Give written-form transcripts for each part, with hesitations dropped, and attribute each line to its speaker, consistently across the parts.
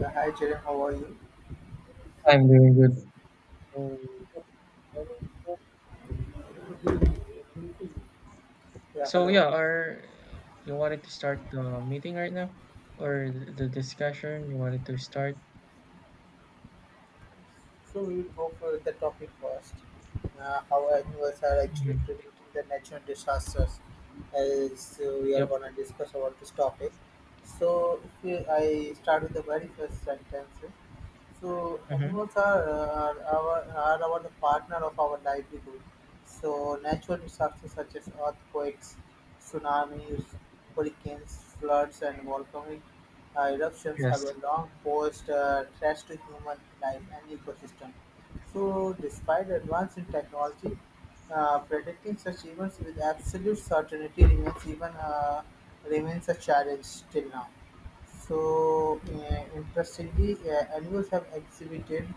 Speaker 1: Yeah, hi Jerry, how are you?
Speaker 2: I'm doing good. So
Speaker 1: Yeah,
Speaker 2: so
Speaker 1: hello.
Speaker 2: yeah, are you wanted to start the meeting right now, or the discussion? You wanted to start?
Speaker 1: So we will go for the topic first. How animals are actually
Speaker 2: Hmm.
Speaker 1: predicting the natural disasters, as we are
Speaker 2: Yep.
Speaker 1: gonna discuss about this topic. So if we, I start with the very first sentence. So
Speaker 2: Hmm.
Speaker 1: animals are our the partner of our livelihood. So natural disasters such as earthquakes, tsunamis, hurricanes, floods, and volcanic eruptions have
Speaker 2: Yes.
Speaker 1: a long posed threats to human life and ecosystem. So, despite advance in technology, predicting such events with absolute certainty remains a challenge till now. So, interestingly, animals have exhibited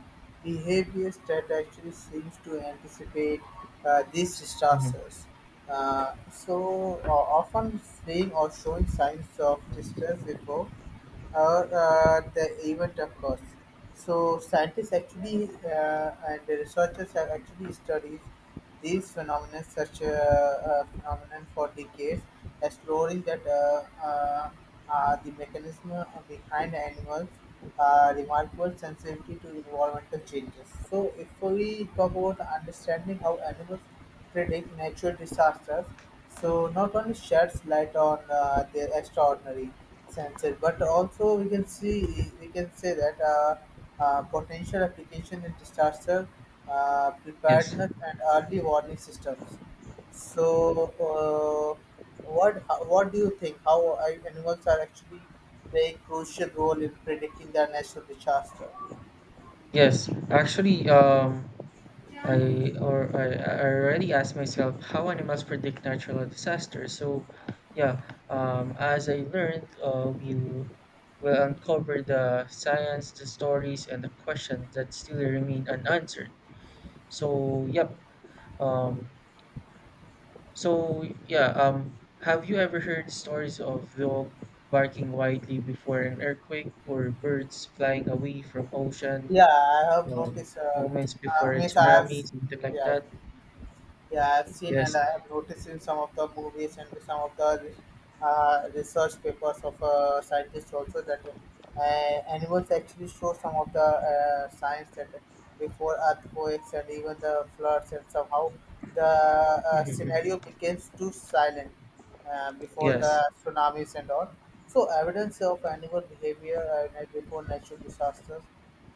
Speaker 1: behaviors that actually seems to anticipate these
Speaker 2: Hmm.
Speaker 1: disasters. Uh, so, uh, Often fleeing or showing signs of distress before or the event, of course. So scientists actually and the researchers have actually studied these phenomena, such phenomenon for decades, exploring that the mechanism behind animals' remarkable sensitivity to environmental changes. So if we talk about understanding how animals predict natural disasters, so not only sheds light on their extraordinary senses, but also we can say that potential application in disaster
Speaker 2: Yes.
Speaker 1: preparedness and early warning systems. So what do you think? How are animals are actually playing crucial role in predicting their natural disaster?
Speaker 2: Yes. Actually, I already asked myself how animals predict natural disasters. So, yeah, as I learned, we'll will uncover the science, the stories, and the questions that still remain unanswered. So, yep. Um, so, yeah. Have you ever heard stories of dog barking wildly before an earthquake or birds flying away from ocean
Speaker 1: Yeah, I have
Speaker 2: um,
Speaker 1: noticed.
Speaker 2: moments before a
Speaker 1: Means I have.
Speaker 2: tsunami, something like
Speaker 1: Yeah.
Speaker 2: that?
Speaker 1: Yeah, I've seen and
Speaker 2: Yes.
Speaker 1: I have noticed in some of the movies and some of the research papers of scientists also that uh, animals actually show some of the signs that before earthquakes and even the floods and somehow the
Speaker 2: Mhm.
Speaker 1: scenario becomes too silent before
Speaker 2: Yes.
Speaker 1: the tsunamis and all. So evidence of animal behavior before natural disasters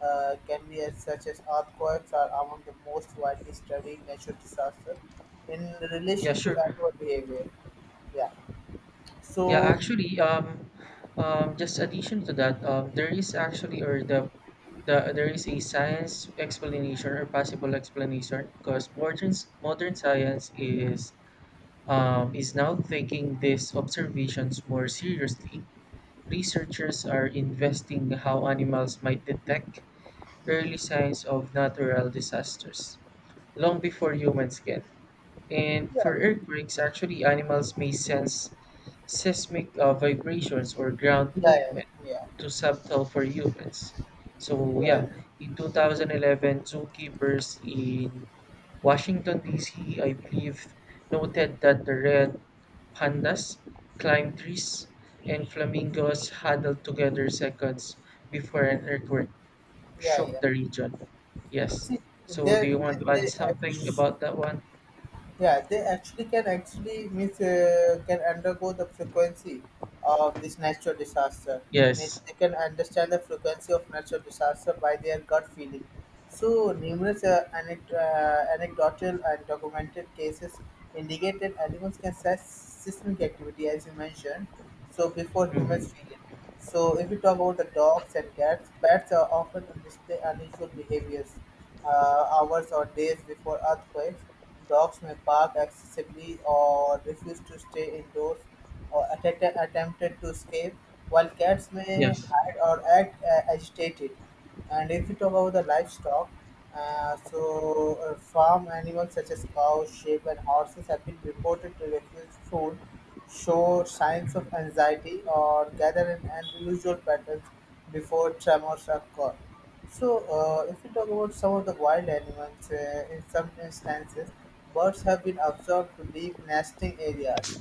Speaker 1: can be as such as earthquakes are among the most widely studied natural disasters in
Speaker 2: Yeah,
Speaker 1: relation to
Speaker 2: sure.
Speaker 1: animal behavior. Yeah.
Speaker 2: Yeah,
Speaker 1: So
Speaker 2: actually, just addition to that, there is actually or the there is a science explanation or possible explanation because modern science is now taking these observations more seriously. Researchers are investing how animals might detect early signs of natural disasters long before humans can. And
Speaker 1: yeah,
Speaker 2: for earthquakes, actually, animals may sense seismic vibrations or ground
Speaker 1: yeah, yeah,
Speaker 2: movement
Speaker 1: yeah,
Speaker 2: to subtle for humans. So
Speaker 1: yeah,
Speaker 2: yeah, in 2011, zookeepers in Washington D.C., I believe, noted that the red Pandas climb trees, and flamingos huddled together seconds before an earthquake
Speaker 1: yeah,
Speaker 2: shook
Speaker 1: yeah.
Speaker 2: the region. Yes.
Speaker 1: See,
Speaker 2: So, do
Speaker 1: there,
Speaker 2: you want
Speaker 1: there,
Speaker 2: to add
Speaker 1: there,
Speaker 2: something
Speaker 1: act-
Speaker 2: about that one?
Speaker 1: yeah, they actually can actually means can undergo the frequency of this natural disaster. Means
Speaker 2: Yes.
Speaker 1: they can understand the frequency of natural disaster by their gut feeling. So numerous anecdotal and documented cases indicate that animals can sense seismic activity, as you mentioned. So before
Speaker 2: Mm-hmm.
Speaker 1: humans feel it. So if we talk about the dogs and cats, pets are often on display unusual behaviors hours or days before earthquakes. Dogs may bark excessively or refuse to stay indoors or attempted to escape, while cats may
Speaker 2: Yes.
Speaker 1: hide or act agitated. And if you talk about the livestock, farm animals such as cows, sheep, and horses have been reported to refuse food, show signs of anxiety, or gather in unusual patterns before tremors occur. So, if we talk about some of the wild animals, in some instances, birds have been observed to leave nesting areas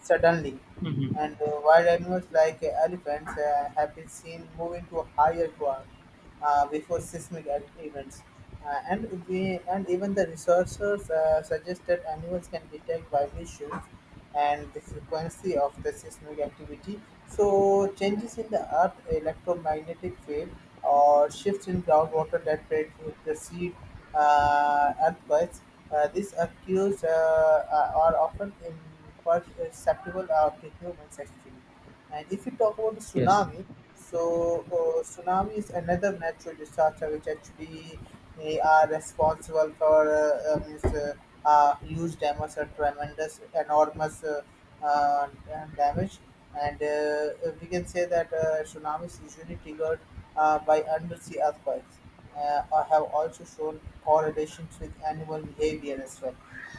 Speaker 1: suddenly,
Speaker 2: Mm-hmm.
Speaker 1: and wild animals like elephants have been seen moving to higher ground before events. And even the researchers suggested animals can detect vibrations and the frequency of the seismic activity. So, changes in the Earth electromagnetic field or shifts in groundwater that precede earthquakes. These occurs are often imperceptible to humans actually. And if you talk about the
Speaker 2: Yes.
Speaker 1: tsunami, so tsunami is another natural disaster which actually they are responsible for huge damage or enormous uh, damage. And we can say that tsunamis usually triggered by undersea earthquakes have also shown correlations with animal behavior as well.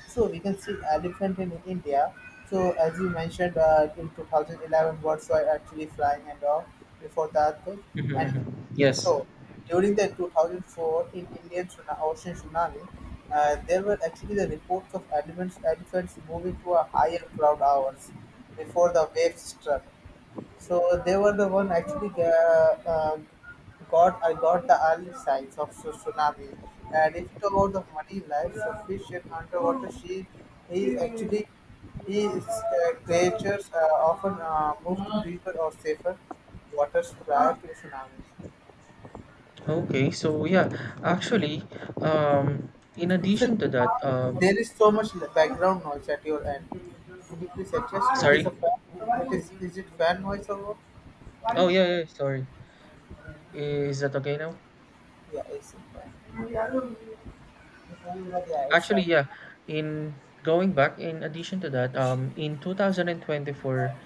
Speaker 1: So we can see elephant in India. So as you mentioned, in 2011 birds were actually flying and all before the earthquake.
Speaker 2: Mm-hmm.
Speaker 1: And
Speaker 2: Mm-hmm. Yes.
Speaker 1: so During the 2004 in Indian Ocean tsunami, there were actually the reports of elephants moving to a higher cloud hours before the waves struck. So they were the one actually got I got the early signs of tsunami. And if you talk about the marine life, so fish and underwater, she he actually he creatures often move to deeper or safer waters prior to tsunamis.
Speaker 2: Okay. So, yeah, actually, in
Speaker 1: So
Speaker 2: addition to that,
Speaker 1: there is so much background noise at your end. Could you please adjust? It is
Speaker 2: sorry.
Speaker 1: a fan. It Is it fan noise or what?
Speaker 2: Oh, yeah, yeah, yeah. Sorry. Is that okay now?
Speaker 1: Yeah, it's a fan. Yeah, it's
Speaker 2: Actually,
Speaker 1: fine.
Speaker 2: yeah. In going back, in addition to that, in 2024,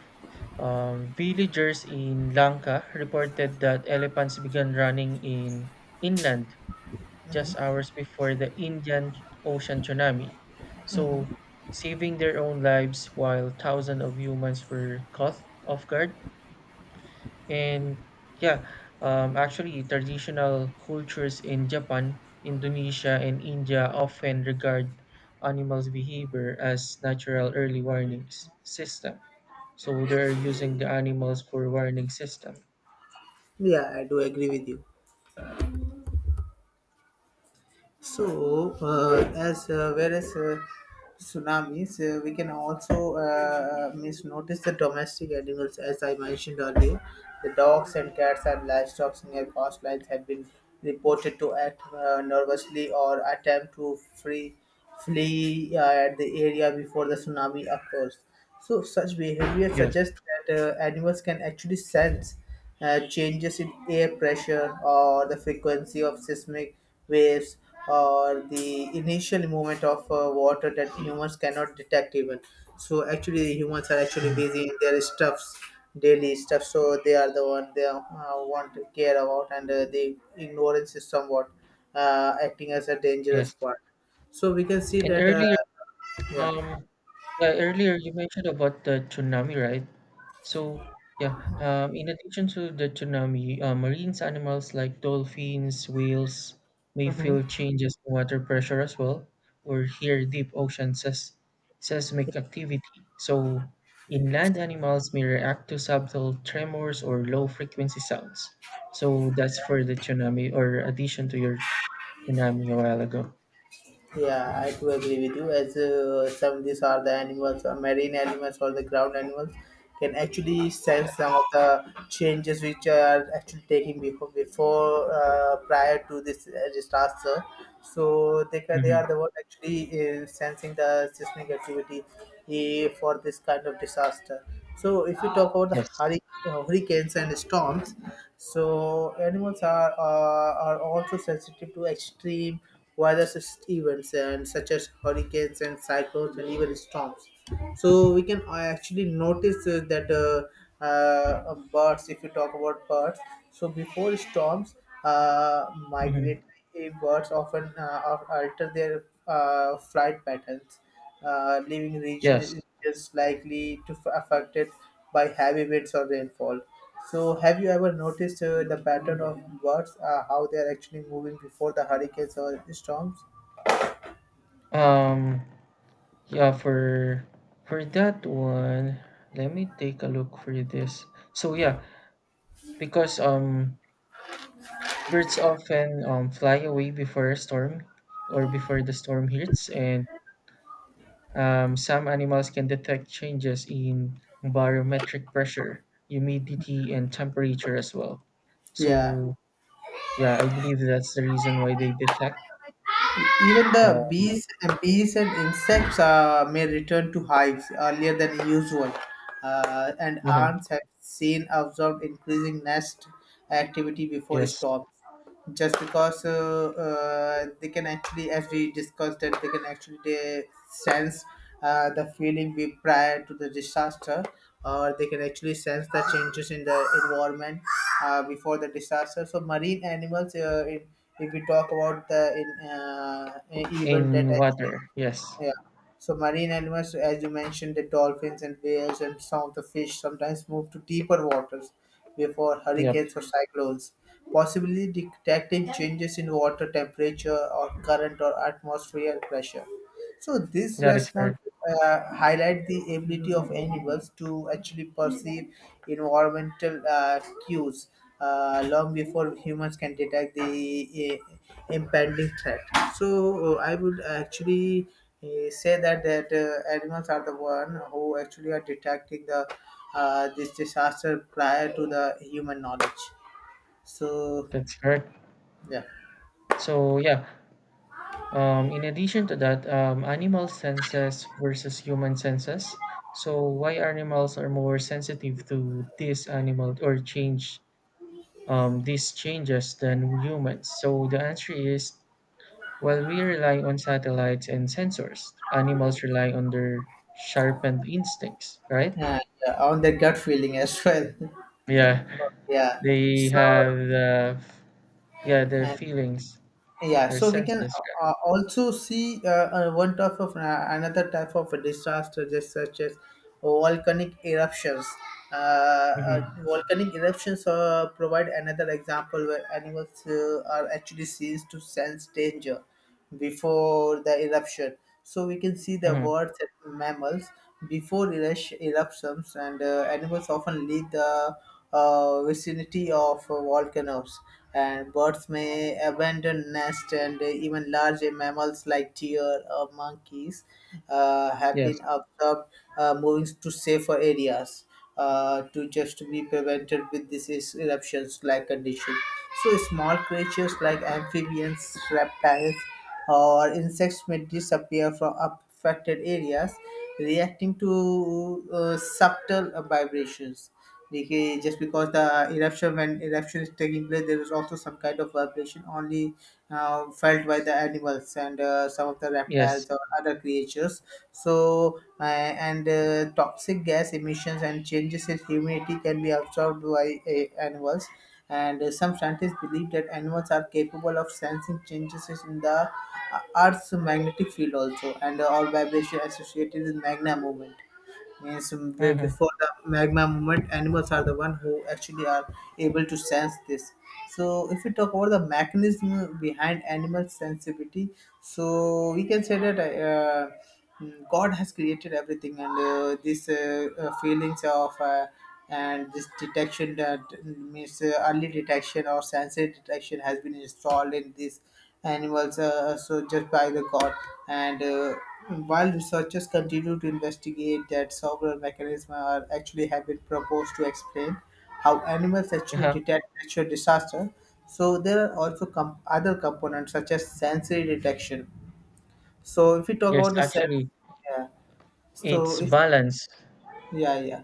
Speaker 2: Villagers in Lanka reported that elephants began running in inland just hours before the Indian Ocean tsunami, so saving their own lives while thousands of humans were caught off guard. And yeah, actually, traditional cultures in Japan, Indonesia, and India often regard animals' behavior as natural early warning system. So they're using the animals for warning system.
Speaker 1: Yeah, I do agree with you. So, as whereas tsunamis, we can also miss notice the domestic animals, as I mentioned earlier. The dogs and cats and livestock near coastlines have been reported to act nervously or attempt to free flee at the area before the tsunami occurs. So such behavior
Speaker 2: Yes.
Speaker 1: suggests that animals can actually sense changes in air pressure or the frequency of seismic waves or the initial movement of water that humans cannot detect even. So actually the humans are actually
Speaker 2: Mhm.
Speaker 1: busy in their stuffs, daily stuff. So they are the one they want to care about and the ignorance is somewhat acting as a dangerous
Speaker 2: Yes.
Speaker 1: part. So we can see
Speaker 2: And
Speaker 1: that,
Speaker 2: earlier,
Speaker 1: yeah.
Speaker 2: um, yeah, earlier you mentioned about the tsunami, right? So, yeah, in addition to the tsunami, marine animals like dolphins, whales may
Speaker 1: Mhm.
Speaker 2: feel changes in water pressure as well, or hear deep ocean seismic activity. So, inland animals may react to subtle tremors or low frequency sounds. So, that's for the tsunami, or addition to your tsunami a while ago.
Speaker 1: Yeah, I do agree with you. As some of these are the animals, marine animals or the ground animals, can actually sense some of
Speaker 2: Yes.
Speaker 1: the changes which are actually taking before prior to this disaster. So they
Speaker 2: Hmm.
Speaker 1: are the one actually sensing the seismic activity for this kind of disaster. So if you talk about the
Speaker 2: Yes.
Speaker 1: hurricanes and storms, so animals are also sensitive to extreme weather events and such as hurricanes and cyclones and even storms, so we can actually notice that birds, if you talk about birds, so before storms
Speaker 2: Hmm.
Speaker 1: migratory birds often alter their flight patterns leaving regions
Speaker 2: Yes.
Speaker 1: likely to affected by heavy winds or rainfall. So, have you ever noticed the pattern of birds, how they are actually moving before the hurricanes or storms?
Speaker 2: Um, Yeah, for that one, let me take a look for this. So yeah, because birds often fly away before a storm or before the storm hits, and some animals can detect changes in barometric pressure, humidity, and temperature as well.
Speaker 1: Yeah,
Speaker 2: So yeah, I believe that's the reason why they detect.
Speaker 1: even the
Speaker 2: Uh,
Speaker 1: bees, bees and insects may return to hives earlier than usual, and
Speaker 2: uh
Speaker 1: ants have seen observed increasing nest activity before
Speaker 2: yes,
Speaker 1: storms. Just because they can actually, as we discussed, that they can actually they sense the feeling we prior to the disaster, or they can actually sense the changes in the environment before the disaster. So marine animals in if we talk about the in, event that
Speaker 2: in
Speaker 1: actually
Speaker 2: water. Yes.
Speaker 1: yeah. So marine animals, as you mentioned, the dolphins and whales and some of the fish sometimes move to deeper waters before
Speaker 2: Yep.
Speaker 1: hurricanes or cyclones, possibly detecting changes in water temperature or current or atmospheric pressure. So this
Speaker 2: That is
Speaker 1: response
Speaker 2: correct.
Speaker 1: highlight the ability of animals to actually perceive environmental cues long before humans can detect the impending threat. So I would actually say that animals are the one who actually are detecting the this disaster prior to the human knowledge. So
Speaker 2: That's correct.
Speaker 1: yeah,
Speaker 2: So yeah. In addition to that, animal senses versus human senses. So why animals are more sensitive to this animal or change these changes than humans? So the answer is, while we rely on satellites and sensors, animals rely on their sharpened instincts, right?
Speaker 1: and, on the gut feeling as well.
Speaker 2: Yeah,
Speaker 1: yeah.
Speaker 2: they
Speaker 1: So.
Speaker 2: have yeah their
Speaker 1: And.
Speaker 2: feelings
Speaker 1: Yeah,
Speaker 2: or
Speaker 1: so we can
Speaker 2: senses.
Speaker 1: also see one type of another type of a disaster, just such as volcanic eruptions. Uh,
Speaker 2: Yeah. Hmm.
Speaker 1: Volcanic eruptions provide another example where animals are actually seen to sense danger before the eruption. So we can see the
Speaker 2: Hmm.
Speaker 1: words and mammals before eruptions, and animals often leave the vicinity of volcanoes. And birds may abandon nests, and even large mammals like deer or monkeys have been
Speaker 2: Yes,
Speaker 1: observed moving to safer areas to just be prevented with these eruptions like condition. So small creatures like amphibians, reptiles, or insects may disappear from affected areas, reacting to subtle vibrations. Because just because the eruption is taking place, there is also some kind of vibration only felt by the animals and some of the
Speaker 2: yes.
Speaker 1: reptiles or other creatures, so and toxic gas emissions and changes in humidity can be absorbed by animals, and some scientists believe that animals are capable of sensing changes in the earth's magnetic field also, and or vibration associated with magna movement. Yes, way
Speaker 2: Hmm.
Speaker 1: before the magma movement, animals are the one who actually are able to sense this. So, if we talk about the mechanism behind animal sensitivity, so we can say that God has created everything, and these feelings of and this detection, that means early detection or sensory detection has been installed in this animals so just by the god. And while researchers continue to investigate that several mechanisms are actually have been proposed to explain how animals actually detect natural disaster, so there are also other components such as sensory detection. So if we talk
Speaker 2: Yes,
Speaker 1: about the sense,
Speaker 2: actually,
Speaker 1: yeah. So
Speaker 2: it's
Speaker 1: if
Speaker 2: balance.
Speaker 1: Yeah, yeah.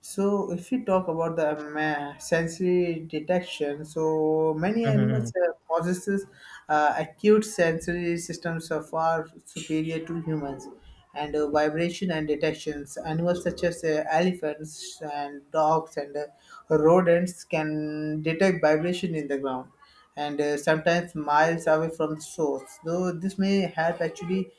Speaker 1: So if we talk about the sensory detection, so many
Speaker 2: Hmm.
Speaker 1: animals possesses acute sensory systems are far superior to humans, and vibration and detections. Animals such as elephants and dogs and rodents can detect vibration in the ground, and sometimes miles away from the source. Though this may help actually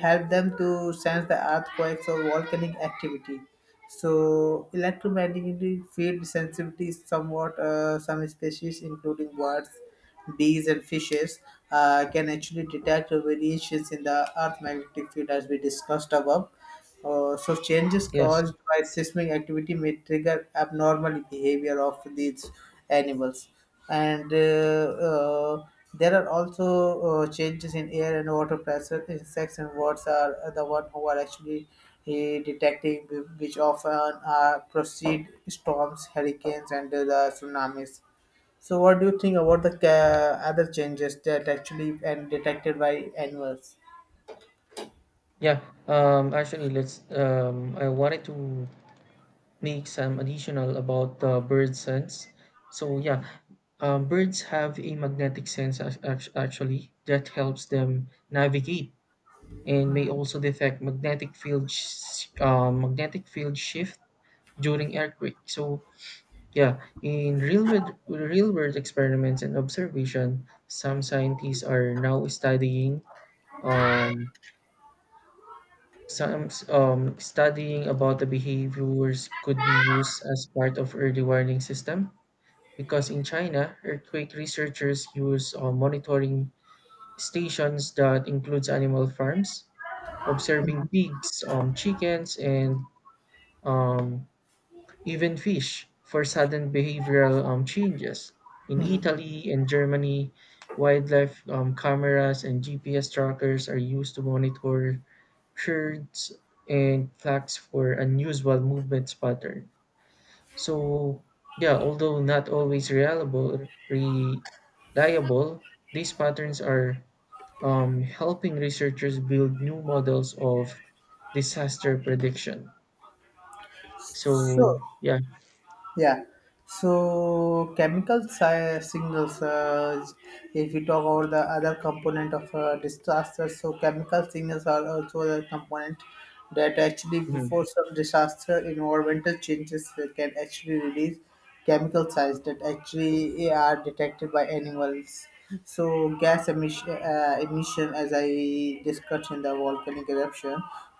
Speaker 1: help them to sense the earthquakes or volcanic activity, so electromagnetic field sensitivity is somewhat some species, including birds, bees, and fishes, can actually detect variations in the Earth magnetic field, as we discussed above. So changes
Speaker 2: Yes.
Speaker 1: caused by seismic activity may trigger abnormal behavior of these animals. And there are also Changes in air and water pressure, insects and birds are the one who are actually uh, detecting which often proceed storms, hurricanes, and the tsunamis. So what do you think about the other changes that actually and detected by animals?
Speaker 2: Yeah. Actually, let's. I wanted to make some additional about the bird sense. So yeah, birds have a magnetic sense actually that helps them navigate and may also detect magnetic field shift during earthquake. So yeah, in real world experiments and observation, some scientists are now um, studying about the behaviors could be used as part of early warning system because in China, earthquake researchers use monitoring stations that includes animal farms, observing pigs, chickens, and um, even fish for sudden behavioral changes. In Italy and Germany, wildlife cameras and GPS trackers are used to monitor shirts and flags for unusual movement pattern. So yeah, although not always reliable, these patterns are helping researchers build new models of disaster prediction.
Speaker 1: So
Speaker 2: So yeah.
Speaker 1: yeah. So chemical signals. If we talk about the other component of disaster, so chemical signals are also a component that actually
Speaker 2: Mhm.
Speaker 1: before some disaster, environmental changes can actually release chemical size that actually are detected by animals. So gas emission, emission, as I discussed in the volcanic eruption,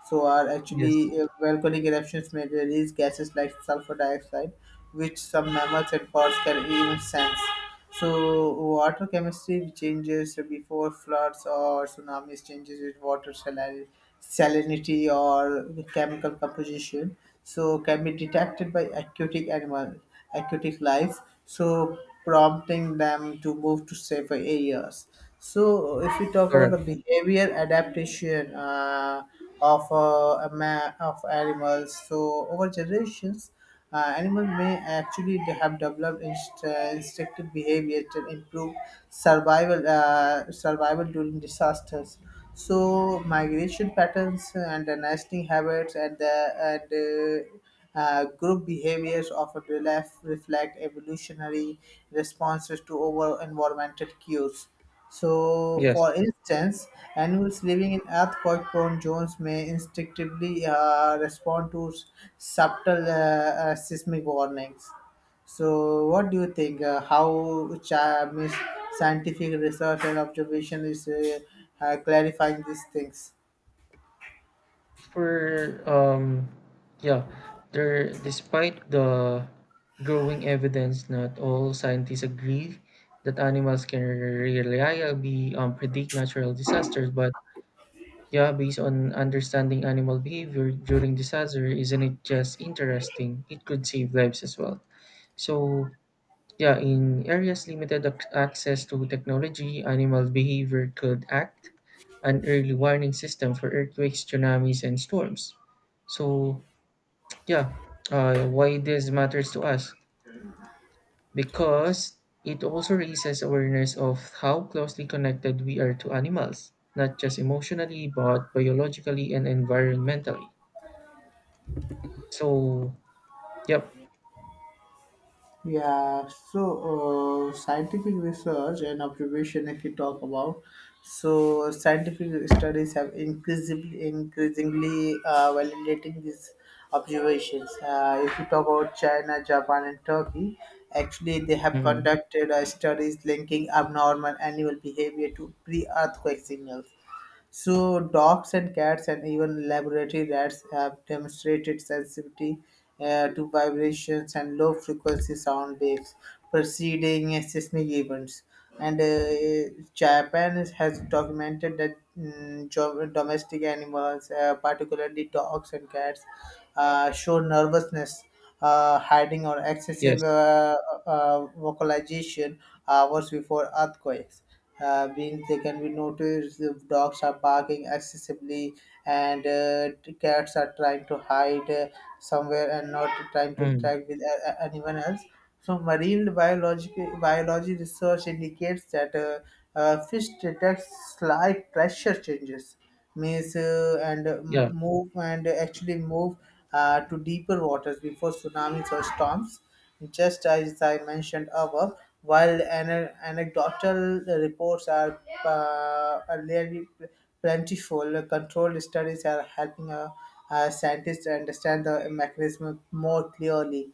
Speaker 1: so are actually
Speaker 2: Yes.
Speaker 1: volcanic eruptions may release gases like sulfur dioxide, which some mammals and birds can even sense. So water chemistry changes before floods or tsunamis changes with water salinity or chemical composition. So can be detected by aquatic animal, aquatic life. So prompting them to move to safer areas. So if we talk about the
Speaker 2: Correct.
Speaker 1: behavior adaptation of of animals, so over generations. Animals may actually have developed instinctive behavior to improve survival during disasters. So migration patterns and the nesting habits and group behaviors often reflect evolutionary responses to over environmental cues. So,
Speaker 2: Yes.
Speaker 1: for instance, animals living in earthquake prone zones may instinctively respond to subtle seismic warnings. So, what do you think? How scientific research and observation is clarifying these things?
Speaker 2: For yeah, there, despite the growing evidence, not all scientists agree that animals can reliably predict natural disasters, but yeah, based on understanding animal behavior during disaster, isn't it just interesting? It could save lives as well. So yeah, in areas limited access to technology, animal behavior could act an early warning system for earthquakes, tsunamis, and storms. So, yeah, why this matters to us? Because it also raises awareness of how closely connected we are to animals, not just emotionally, but biologically and environmentally. So, yep.
Speaker 1: Yeah, so scientific research and observation, if you talk about, so scientific studies have increasingly validating these observations. If you talk about China, Japan, and Turkey, actually they have
Speaker 2: Hmm.
Speaker 1: conducted studies linking abnormal animal behavior to pre-earthquake signals. So dogs and cats and even laboratory rats have demonstrated sensitivity to vibrations and low frequency sound waves preceding seismic events. And Japan has documented that domestic animals, particularly dogs and cats, show nervousness, hiding, or excessive
Speaker 2: Yes.
Speaker 1: vocalization hours before earthquakes. Being they can be noticed the dogs are barking excessively and the cats are trying to hide somewhere and not trying to
Speaker 2: Mm.
Speaker 1: interact with anyone else. So marine biology research indicates that fish detects slight pressure changes, means and m-
Speaker 2: Yeah.
Speaker 1: move and actually move to deeper waters before tsunamis or storms. Just as I mentioned above, while anecdotal reports are really plentiful, controlled studies are helping scientists understand the mechanism more clearly.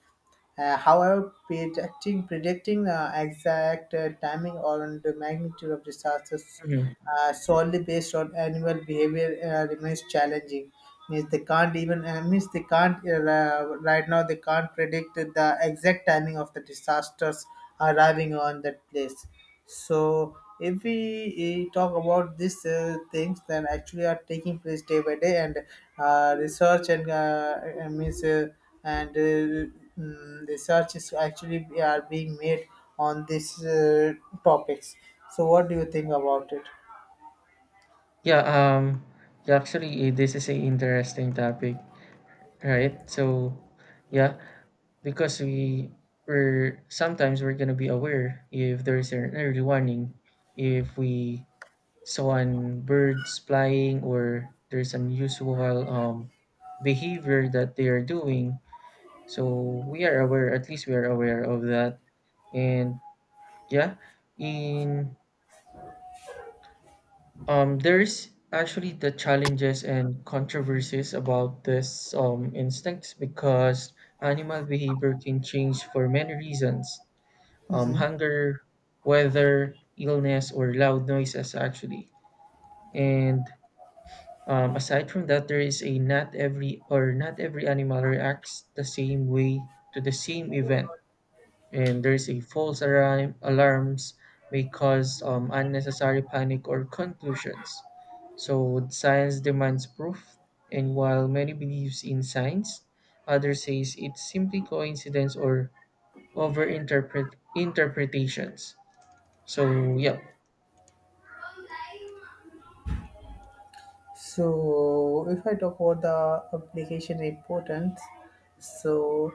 Speaker 1: However, predicting exact timing or the magnitude of disasters
Speaker 2: Mhm.
Speaker 1: solely based on animal behavior remains challenging. Means they can't even means they can't right now they can't predict the exact timing of the disasters arriving on that place. So if we talk about these things, then actually are taking place day by day, and research and I means and mm, research is actually are being made on these topics. So what do you think about it?
Speaker 2: Yeah, yeah, actually, this is a interesting topic, right? So, yeah, because we're sometimes we're gonna be aware if there is an early warning, if we saw an birds flying or there's unusual behavior that they are doing. So we are aware, at least we are aware of that, and yeah, in there's actually the challenges and controversies about this instincts because animal behavior can change for many reasons, hunger, weather, illness, or loud noises, actually. And aside from that, there is a not every animal reacts the same way to the same event, and there's a false alarms may cause unnecessary panic or conclusions. So science demands proof, and while many believes in science, others says it's simply coincidence or over interpretations. So yeah.
Speaker 1: So if I talk about the application importance, so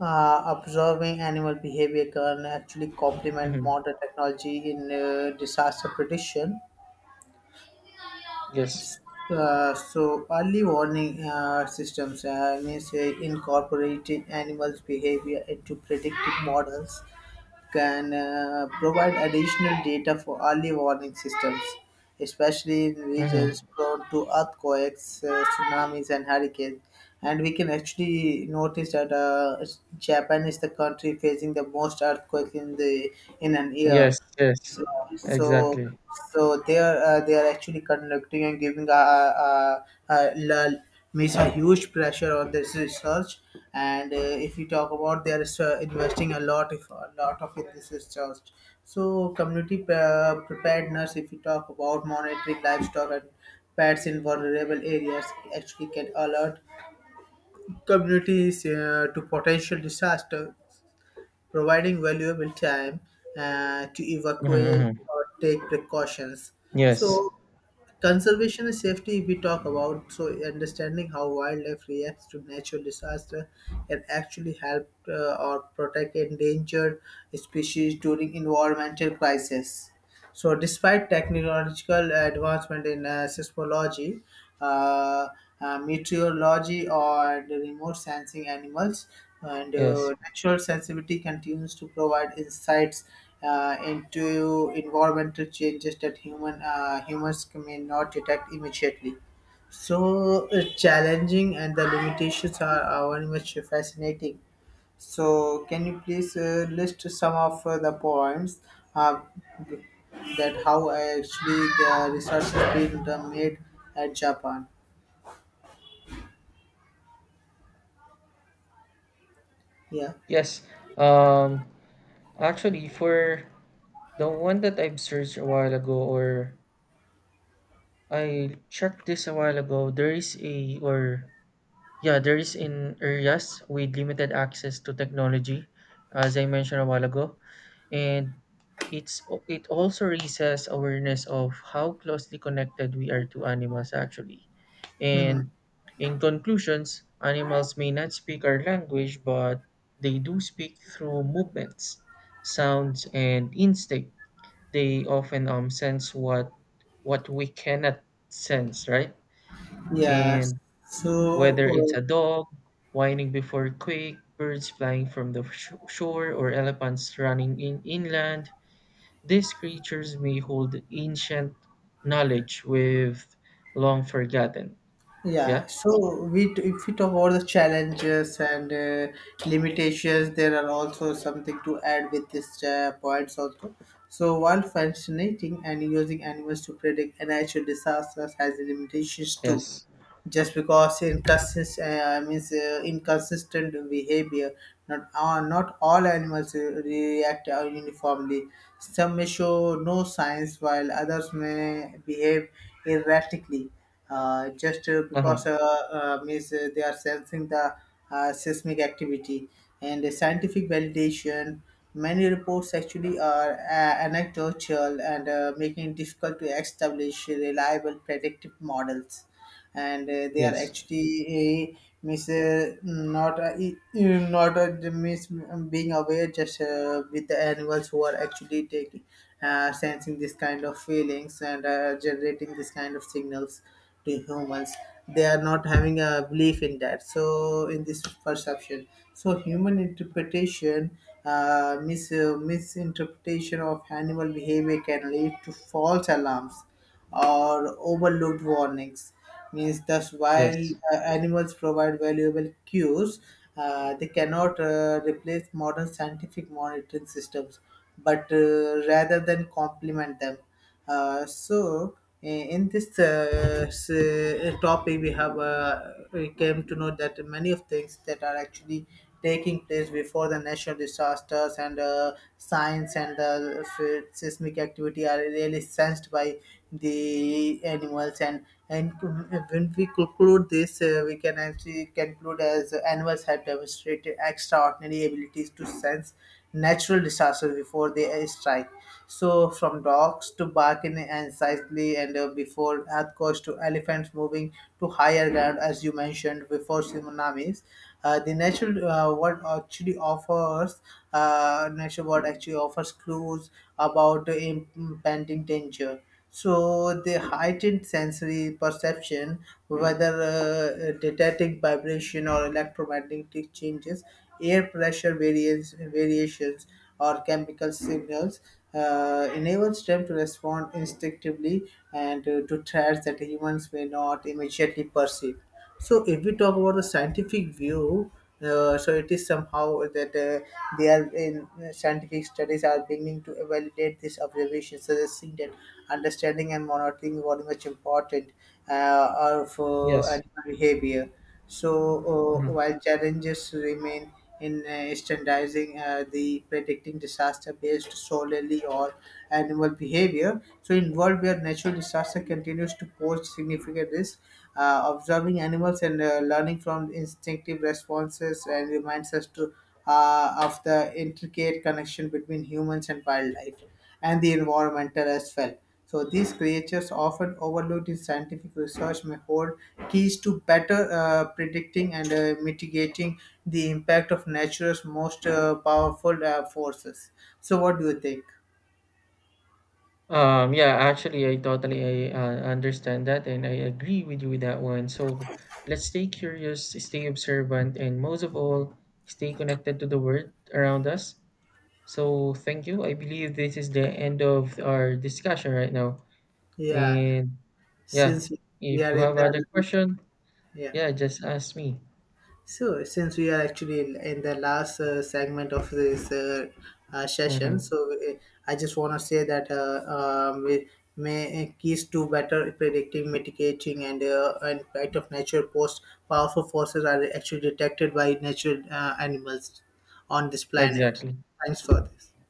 Speaker 1: observing animal behavior can actually complement
Speaker 2: Mhm.
Speaker 1: modern technology in disaster prediction.
Speaker 2: Yes.
Speaker 1: So early warning systems means incorporating animals behavior into predictive models can provide additional data for early warning systems, especially in
Speaker 2: Mhm.
Speaker 1: regions prone to earthquakes, tsunamis, and hurricanes, and we can actually notice that Japan is the country facing the most earthquake in the in an year.
Speaker 2: Yes, yes,
Speaker 1: so, so,
Speaker 2: exactly.
Speaker 1: so they are actually conducting and giving a means a huge pressure on this research. And if you talk about, they are investing a lot, if a lot of it this research. So community preparedness, if you talk about monitoring livestock and pets in vulnerable areas, actually can alert communities to potential disaster, providing valuable time to
Speaker 2: Mhm,
Speaker 1: evacuate
Speaker 2: mhm.
Speaker 1: or take precautions.
Speaker 2: Yes,
Speaker 1: So conservation and safety we talk about, so understanding how wildlife reacts to natural disaster can actually help or protect endangered species during environmental crisis. So, despite technological advancement in seismology, uh, meteorology, or the remote sensing animals, and
Speaker 2: yes,
Speaker 1: natural sensitivity continues to provide insights into environmental changes that humans may not detect immediately. So it's challenging, and the limitations are very much fascinating. So can you please list some of the points uh, that how actually the research has been done made at Japan? Yeah.
Speaker 2: yes, um actually, for the one that I've searched a while ago, or I checked this a while ago, there is a, or yeah, there is in areas with limited access to technology, as I mentioned a while ago, and it also raises awareness of how closely connected we are to animals, actually.
Speaker 1: Mhm.
Speaker 2: And in conclusions, animals may not speak our language, but they do speak through movements, sounds, and instinct. They often sense what we cannot sense, right?
Speaker 1: Yeah.
Speaker 2: And
Speaker 1: So.
Speaker 2: whether it's
Speaker 1: uh,
Speaker 2: a dog whining before a quake, birds flying from the shore, or elephants running in inland, these creatures may hold ancient knowledge with long forgotten.
Speaker 1: Yeah,
Speaker 2: Yeah.
Speaker 1: so if we talk about the challenges and limitations, there are also something to add with this points also. So while fascinating and using animals to predict a natural disasters has limitations too,
Speaker 2: Yes.
Speaker 1: just because inconsist- means inconsistent behavior, not not all animals react uniformly, some may show no signs while others may behave erratically, just
Speaker 2: Uh huh.
Speaker 1: because means they are sensing the seismic activity. And the scientific validation, many reports actually are anecdotal and making it difficult to establish reliable predictive models, and they are
Speaker 2: Yes.
Speaker 1: actually uh, miss not e- e- not miss being aware just with the animals who are actually taking sensing this kind of feelings and generating this kind of signals to humans. They are not having a belief in that, so in this perception, so human interpretation, misinterpretation of animal behavior can lead to false alarms or overlooked warnings. Means thus, while
Speaker 2: Yes.
Speaker 1: animals provide valuable cues, they cannot replace modern scientific monitoring systems, but rather than complement them. Uh, so, in this topic, we have we came to know that many of things that are actually taking place before the natural disasters and signs and seismic activity are really sensed by the animals. And when we conclude this, we can actually conclude as animals have demonstrated extraordinary abilities to sense natural disasters before they strike. So from dogs to barking anxiously and before earthquakes to elephants moving to higher ground as you mentioned before tsunamis, the natural world actually offers natural world actually offers clues about the impending danger. So the heightened sensory perception, whether detecting vibration or electromagnetic changes, air pressure variations, or chemical signals, enables them to respond instinctively and to threats that humans may not immediately perceive. So if we talk about the scientific view, so it is somehow that they are in scientific studies are beginning to validate this observation, suggesting that understanding and monitoring very much important of
Speaker 2: Yes.
Speaker 1: animal behavior. So,
Speaker 2: Mm-hmm.
Speaker 1: while challenges remain in standardizing the predicting disaster based solely on animal behavior, so in world where natural disaster continues to pose significant risk, observing animals and learning from instinctive responses and reminds us to of the intricate connection between humans and wildlife and the environmental as well. So these creatures often overlooked in scientific research may hold keys to better predicting and mitigating the impact of nature's most powerful forces. So what do you think?
Speaker 2: Yeah, actually, I totally understand that, and I agree with you with that one. So let's stay curious, stay observant, and most of all, stay connected to the world around us. So thank you. I believe this is the end of our discussion right now.
Speaker 1: Yeah,
Speaker 2: And yeah,
Speaker 1: since we
Speaker 2: if
Speaker 1: are
Speaker 2: you
Speaker 1: in
Speaker 2: have other
Speaker 1: the
Speaker 2: question,
Speaker 1: yeah.
Speaker 2: yeah, just ask me.
Speaker 1: So, since we are actually in the last segment of this session,
Speaker 2: Mm-hmm.
Speaker 1: so I just want to say that we may keys to better predicting, mitigating, and impact of natural post powerful forces are actually detected by natural animals on this planet.
Speaker 2: Exactly.
Speaker 1: Thanks for this.